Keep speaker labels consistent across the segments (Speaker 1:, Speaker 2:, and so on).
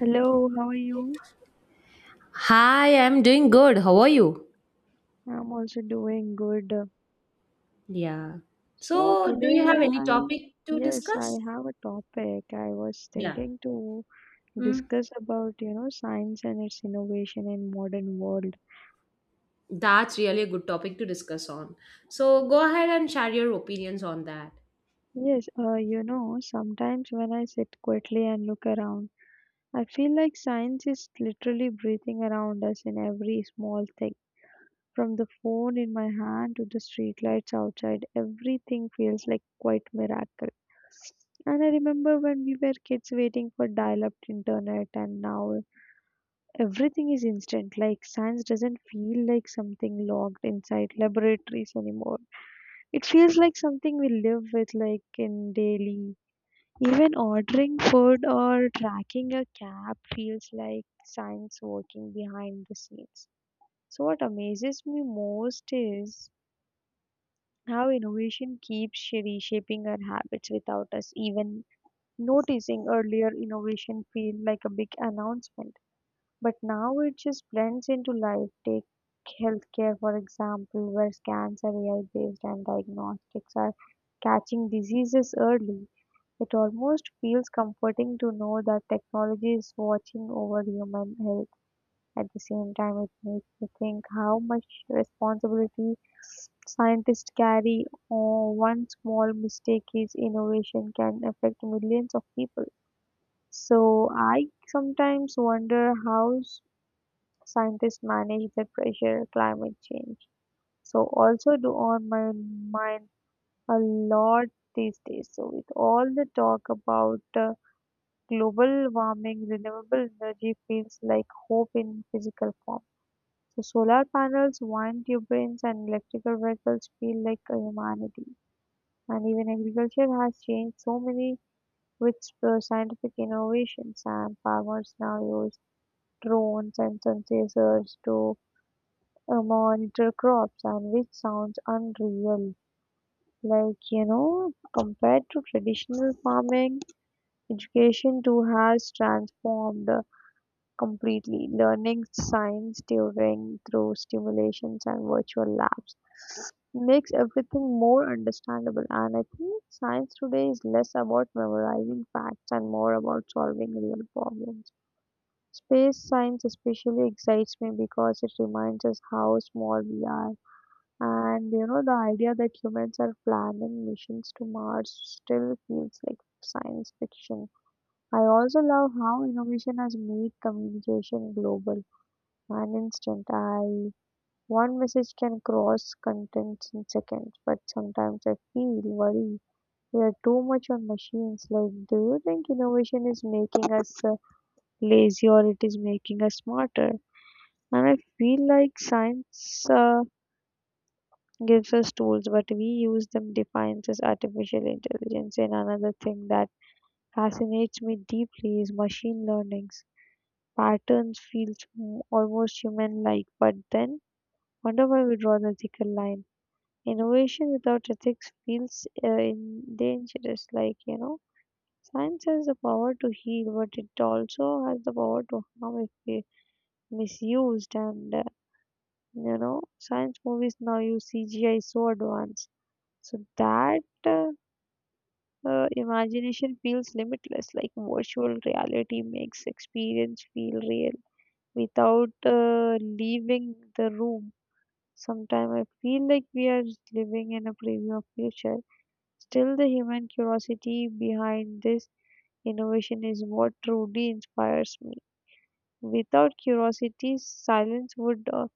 Speaker 1: Hello, how are you?
Speaker 2: Hi, I'm doing good. How are you?
Speaker 1: I'm also doing good.
Speaker 2: Yeah.
Speaker 1: So
Speaker 2: So, do you have
Speaker 1: today
Speaker 2: any
Speaker 1: I'm
Speaker 2: topic to
Speaker 1: yes, I
Speaker 2: discuss?
Speaker 1: have a topic I was
Speaker 2: Yeah.
Speaker 1: thinking to
Speaker 2: Mm,
Speaker 1: discuss about, you know, science and its innovation in modern world.
Speaker 2: that's really a good topic to discuss on. So, go ahead and share your opinions on that.
Speaker 1: Yes, you know, sometimes when I sit quietly and look around, I feel like science is literally breathing around us in every small thing. From the phone in my hand to the streetlights outside, everything feels like quite miracle. And I remember when we were kids waiting for dial-up internet, and now everything is instant. Like science doesn't feel like something locked inside laboratories anymore. It feels like something we live with, like in daily. Even ordering food or tracking a cab feels like science working behind the scenes. So, what amazes me most is how innovation keeps reshaping our habits without us even noticing. Earlier, innovation felt like a big announcement, but now it just blends into life. Take healthcare, for example, where scans are AI based and diagnostics are catching diseases early. It almost feels comforting to know that technology is watching over human health at the same time, it makes me think how much responsibility scientists carry. Oh, one small mistake is innovation can affect millions of people. So I sometimes wonder how scientists manage the pressure climate change. So also do on my mind a lot these days. So with all the talk about global warming, renewable energy feels like hope in physical form. So solar panels, wind turbines and electric vehicles feel like a humanity. And even agriculture has changed so many with scientific innovations and farmers now use drones and sun sensors to monitor crops and which sounds unreal. Like, you know, compared to traditional farming, education too has transformed completely, learning science during through simulations and virtual labs makes everything more understandable. And I think science today is less about memorizing facts and more about solving real problems. Space science especially excites me because it reminds us how small we are. And you know, the idea that humans are planning missions to Mars still feels like science fiction. I also love how innovation has made communication global an instant. I one message can cross contents in seconds, but sometimes I feel worried. We are too much on machines. Like, do you think innovation is making us lazy or it is making us smarter? And I feel like science gives us tools, but we use them defines as artificial intelligence. And another thing that fascinates me deeply is machine learnings. Patterns feels almost human-like, but then wonder why we draw the thicker line. Innovation without ethics feels in dangerous. Like you know, science has the power to heal, but it also has the power to harm if we misused. And you know, science movies now use CGI so advanced, so that uh, imagination feels limitless. Like virtual reality makes experience feel real without leaving the room. Sometimes I feel like we are living in a preview of future. Still, the human curiosity behind this innovation is what truly inspires me. Without curiosity, silence would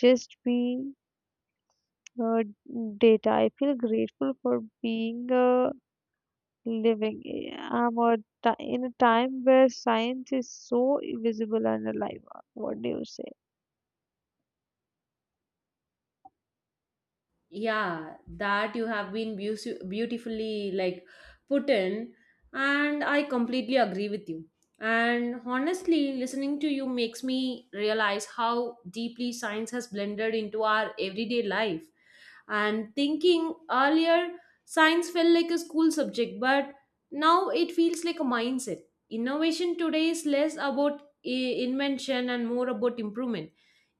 Speaker 1: just be uh, data. I feel grateful for being living. I'm a ti in a time where science is so visible and alive. What do you say?
Speaker 2: Yeah, that you have been beautifully, like, put in, and I completely agree with you. And honestly listening to you makes me realize how deeply science has blended into our everyday life and thinking earlier, science felt like a school subject, but now it feels like a mindset. Innovation today is less about invention and more about improvement.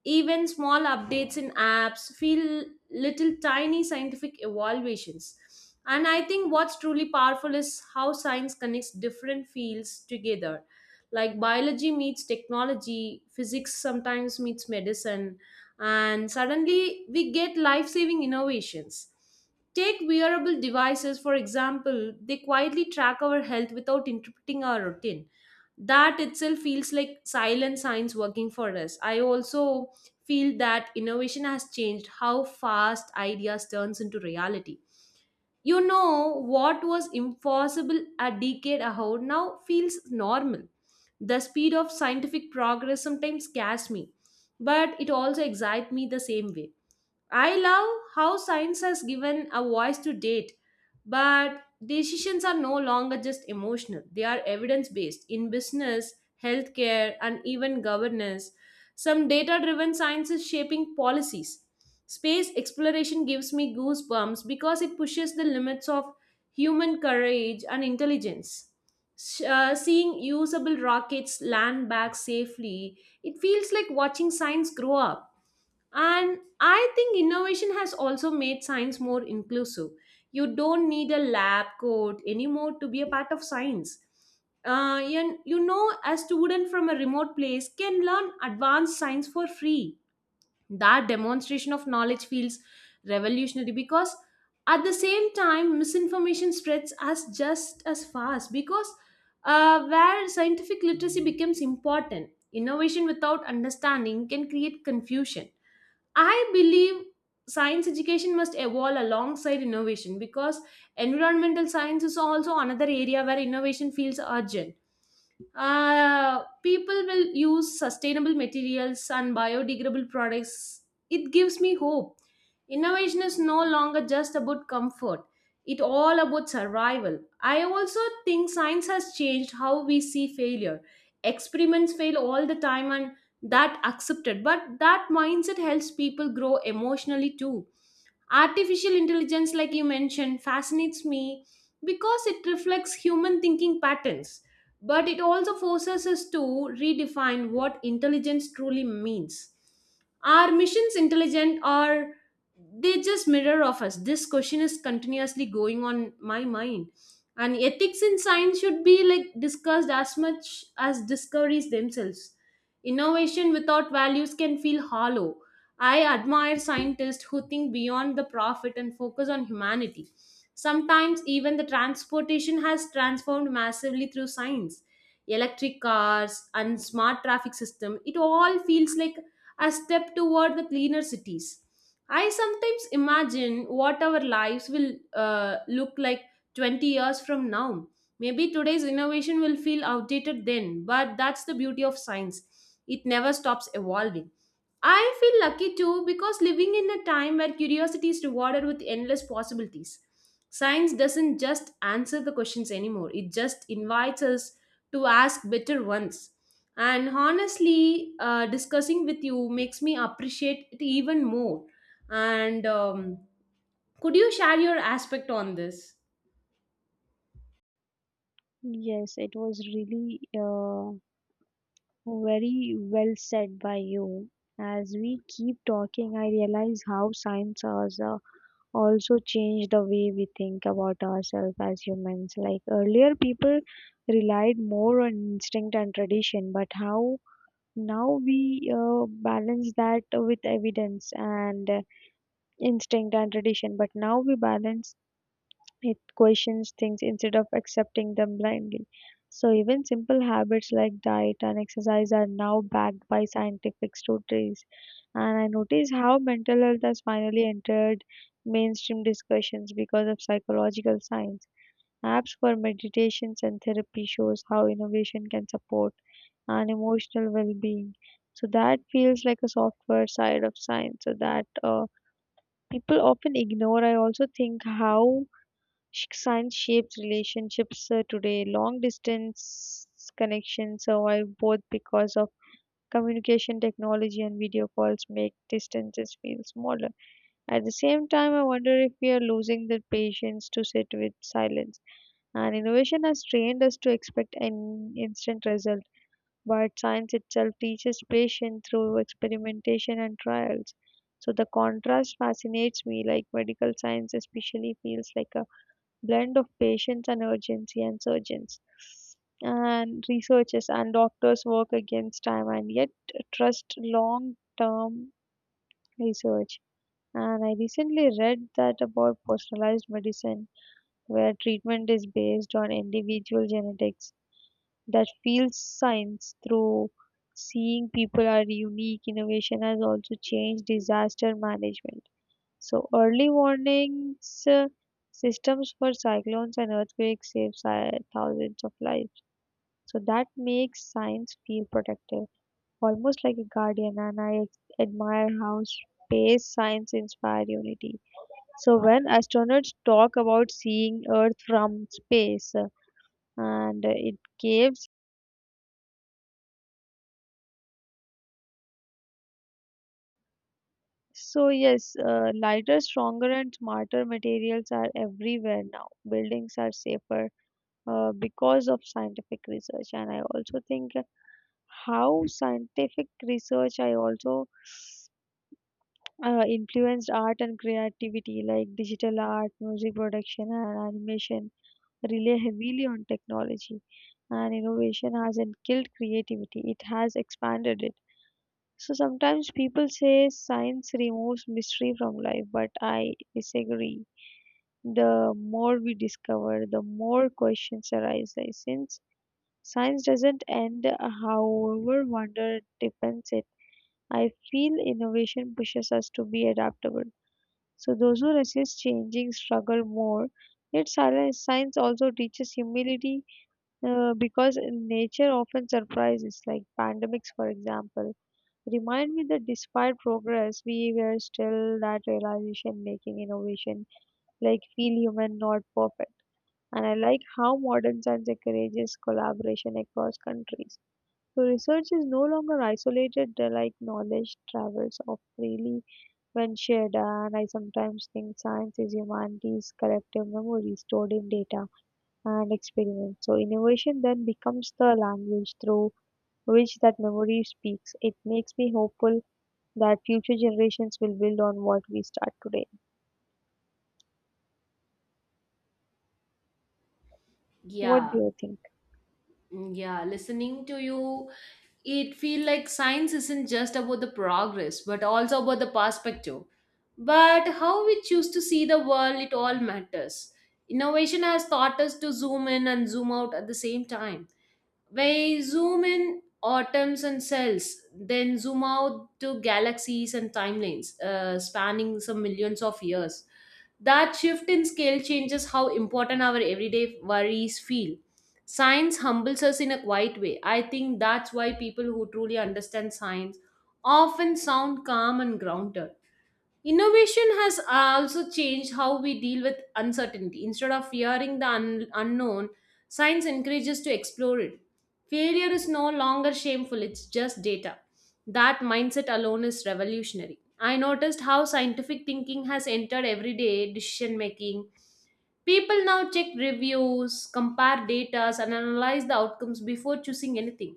Speaker 2: Even small updates in apps feel little tiny scientific evaluations. And I think what's truly powerful is how science connects different fields together. Like biology meets technology, physics sometimes meets medicine, and suddenly we get life saving innovations. Take wearable devices, for example, they quietly track our health without interrupting our routine. That itself feels like silent science working for us. I also feel that innovation has changed how fast ideas turns into reality. You know what was impossible a decade ago now feels normal. The speed of scientific progress sometimes scares me, but it also excites me the same way. I love how science has given a voice to date, but decisions are no longer just emotional. They are evidence based in business, healthcare, and even governance. Some data driven science is shaping policies. Space exploration gives me goosebumps because it pushes the limits of human courage and intelligence. Seeing usable rockets land back safely, it feels like watching science grow up. And I think innovation has also made science more inclusive. You don't need a lab coat anymore to be a part of science. A student from a remote place can learn advanced science for free. That demonstration of knowledge feels revolutionary, because at the same time, misinformation spreads as just as fast. Because where scientific literacy becomes important, innovation without understanding can create confusion. I believe science education must evolve alongside innovation, because environmental science is also another area where innovation feels urgent. People will use sustainable materials and biodegradable products. It gives me hope. Innovation is no longer just about comfort, it all about survival. I also think science has changed how we see failure. Experiments fail all the time and that accepted, but that mindset helps people grow emotionally too. Artificial intelligence, like you mentioned, fascinates me because it reflects human thinking patterns, but it also forces us to redefine what intelligence truly means. Are missions intelligent, or they just mirror of us? This question is continuously going on my mind. And ethics in science should be, like, discussed as much as discoveries themselves. Innovation without values can feel hollow. I admire scientists who think beyond the profit and focus on humanity. Sometimes even the transportation has transformed massively through science. Electric cars and smart traffic system, it all feels like a step toward the cleaner cities. I sometimes imagine what our lives will look like 20 years from now. Maybe today's innovation will feel outdated then, but that's the beauty of science. It never stops evolving. I feel lucky too, because living in a time where curiosity is rewarded with endless possibilities. Science doesn't just answer the questions anymore, it just invites us to ask better ones. And honestly, discussing with you makes me appreciate it even more. And Could you share your aspect on this?
Speaker 1: Yes, it was really very well said by you. As we keep talking, I realize how science has also changed the way we think about ourselves as humans. Like earlier, people relied more on instinct and tradition, but how now we balance that with evidence and instinct and tradition, but now we balance it questions things instead of accepting them blindly. So, even simple habits like diet and exercise are now backed by scientific studies. And I notice how mental health has finally entered mainstream discussions because of psychological science. Apps for meditations and therapy shows how innovation can support and emotional well-being. So that feels like a software side of science. So that people often ignore. I also think how science shapes relationships today. Long distance connections survive both because of communication technology and video calls make distances feel smaller. At the same time, I wonder if we are losing the patience to sit with silence. And innovation has trained us to expect an instant result, but science itself teaches patience through experimentation and trials. So the contrast fascinates me, like medical science especially feels like a blend of patience and urgency and surgeons and researchers and doctors work against time and yet trust long term research. And I recently read that about personalized medicine, where treatment is based on individual genetics that feels science through seeing people are unique innovation has also changed disaster management so early warnings systems for cyclones and earthquakes save thousands of lives. So that makes science feel protective, almost like a guardian. And I admire how space science inspires unity. So when astronauts talk about seeing Earth from space, and it gives so yes, lighter, stronger, and smarter materials are everywhere now. Buildings are safer because of scientific research, and I also think how scientific research I also influenced art and creativity, like digital art, music production and animation rely heavily on technology, and innovation hasn't killed creativity, it has expanded it. So sometimes people say science removes mystery from life, but I disagree. The more we discover, the more questions arise. Like, since science doesn't end, however wonder deepens it. I feel innovation pushes us to be adaptable. So those who resist changing struggle more. Yet science also teaches humility because nature often surprises, like pandemics, for example. Remind me that despite progress, we were still that realization making innovation, like feel human, not perfect. And I like how modern science encourages collaboration across countries. So research is no longer isolated like knowledge travels off freely when shared. And I sometimes think science is humanity's collective memory stored in data and experiments. So innovation then becomes the language through which that memory speaks. It makes me hopeful that future generations will build on what we start today. What
Speaker 2: Yeah,
Speaker 1: do you think?
Speaker 2: yeah, listening to you, it feel like science isn't just about the progress, but also about the perspective, but how we choose to see the world, it all matters. Innovation has taught us to zoom in and zoom out at the same time. We zoom in atoms and cells, then zoom out to galaxies and timelines, spanning some millions of years. That shift in scale changes how important our everyday worries feel. Science humbles us in a quiet way. I think that's why people who truly understand science often sound calm and grounded. Innovation has also changed how we deal with uncertainty. Instead of fearing the unknown, science encourages to explore it. Failure is no longer shameful, it's just data. That mindset alone is revolutionary. I noticed how scientific thinking has entered everyday decision making. People now check reviews, compare data, and analyze the outcomes before choosing anything.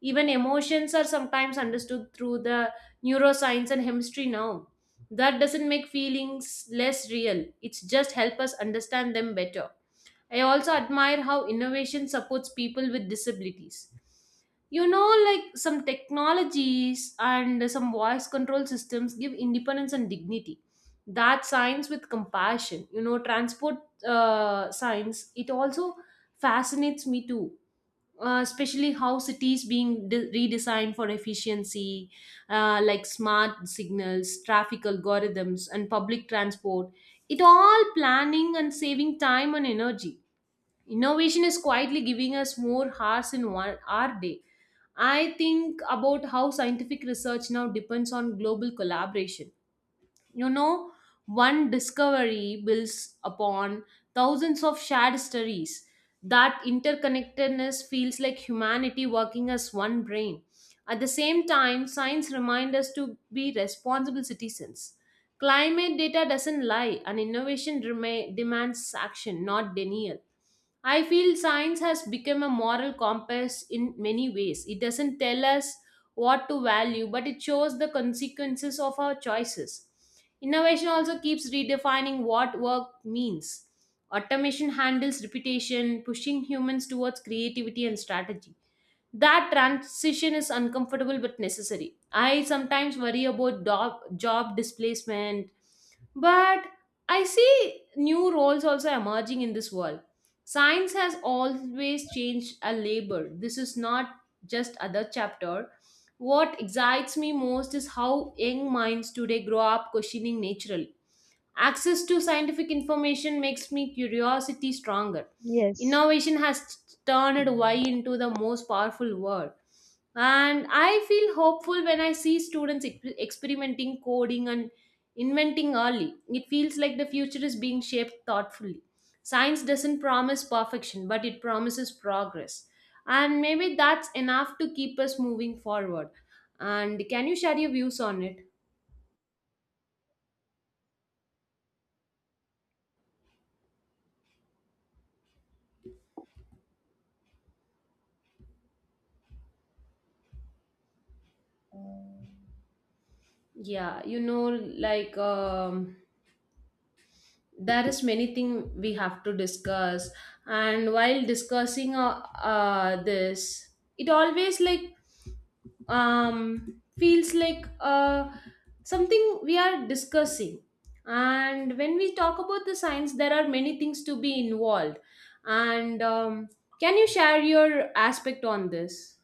Speaker 2: Even emotions are sometimes understood through the neuroscience and chemistry now. That doesn't make feelings less real, it's just help us understand them better. I also admire how innovation supports people with disabilities. You know, like, some technologies and some voice control systems give independence and dignity. That science with compassion, you know, transport science, it also fascinates me too. Especially how cities being redesigned for efficiency, like smart signals, traffic algorithms, and public transport, it all planning and saving time and energy. Innovation is quietly giving us more hours in one hour day. I think about how scientific research now depends on global collaboration. You know, one discovery builds upon thousands of shared stories. That interconnectedness feels like humanity working as one brain. At the same time, science reminds us to be responsible citizens. Climate data doesn't lie, and innovation demands action, not denial. I feel science has become a moral compass in many ways. It doesn't tell us what to value, but it shows the consequences of our choices. Innovation also keeps redefining what work means. Automation handles repetition, pushing humans towards creativity and strategy. That transition is uncomfortable but necessary. I sometimes worry about job displacement, but I see new roles also emerging in this world. Science has always changed a labor, this is not just other chapter. What excites me most is how young minds today grow up questioning natural access to scientific information makes me curiosity stronger.
Speaker 1: Yes.
Speaker 2: Innovation has turned Y into the most powerful word. And I feel hopeful when I see students experimenting, coding, and inventing early. It feels like the future is being shaped thoughtfully. Science doesn't promise perfection, but it promises progress. And maybe that's enough to keep us moving forward. And can you share your views on it? Yeah, you know, like. There is many thing we have to discuss. And while discussing this, it always like, feels like something we are discussing. And when we talk about the science, there are many things to be involved. And Can you share your aspect on this?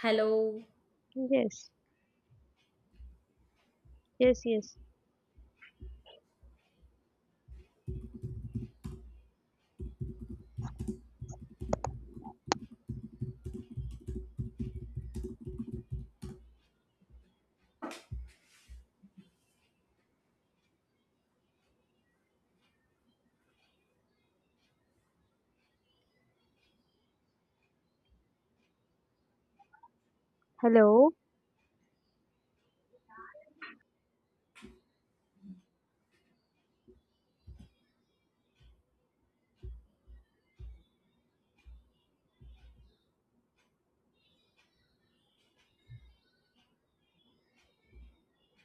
Speaker 2: Hello?
Speaker 1: Yes. Yes, yes. Hello.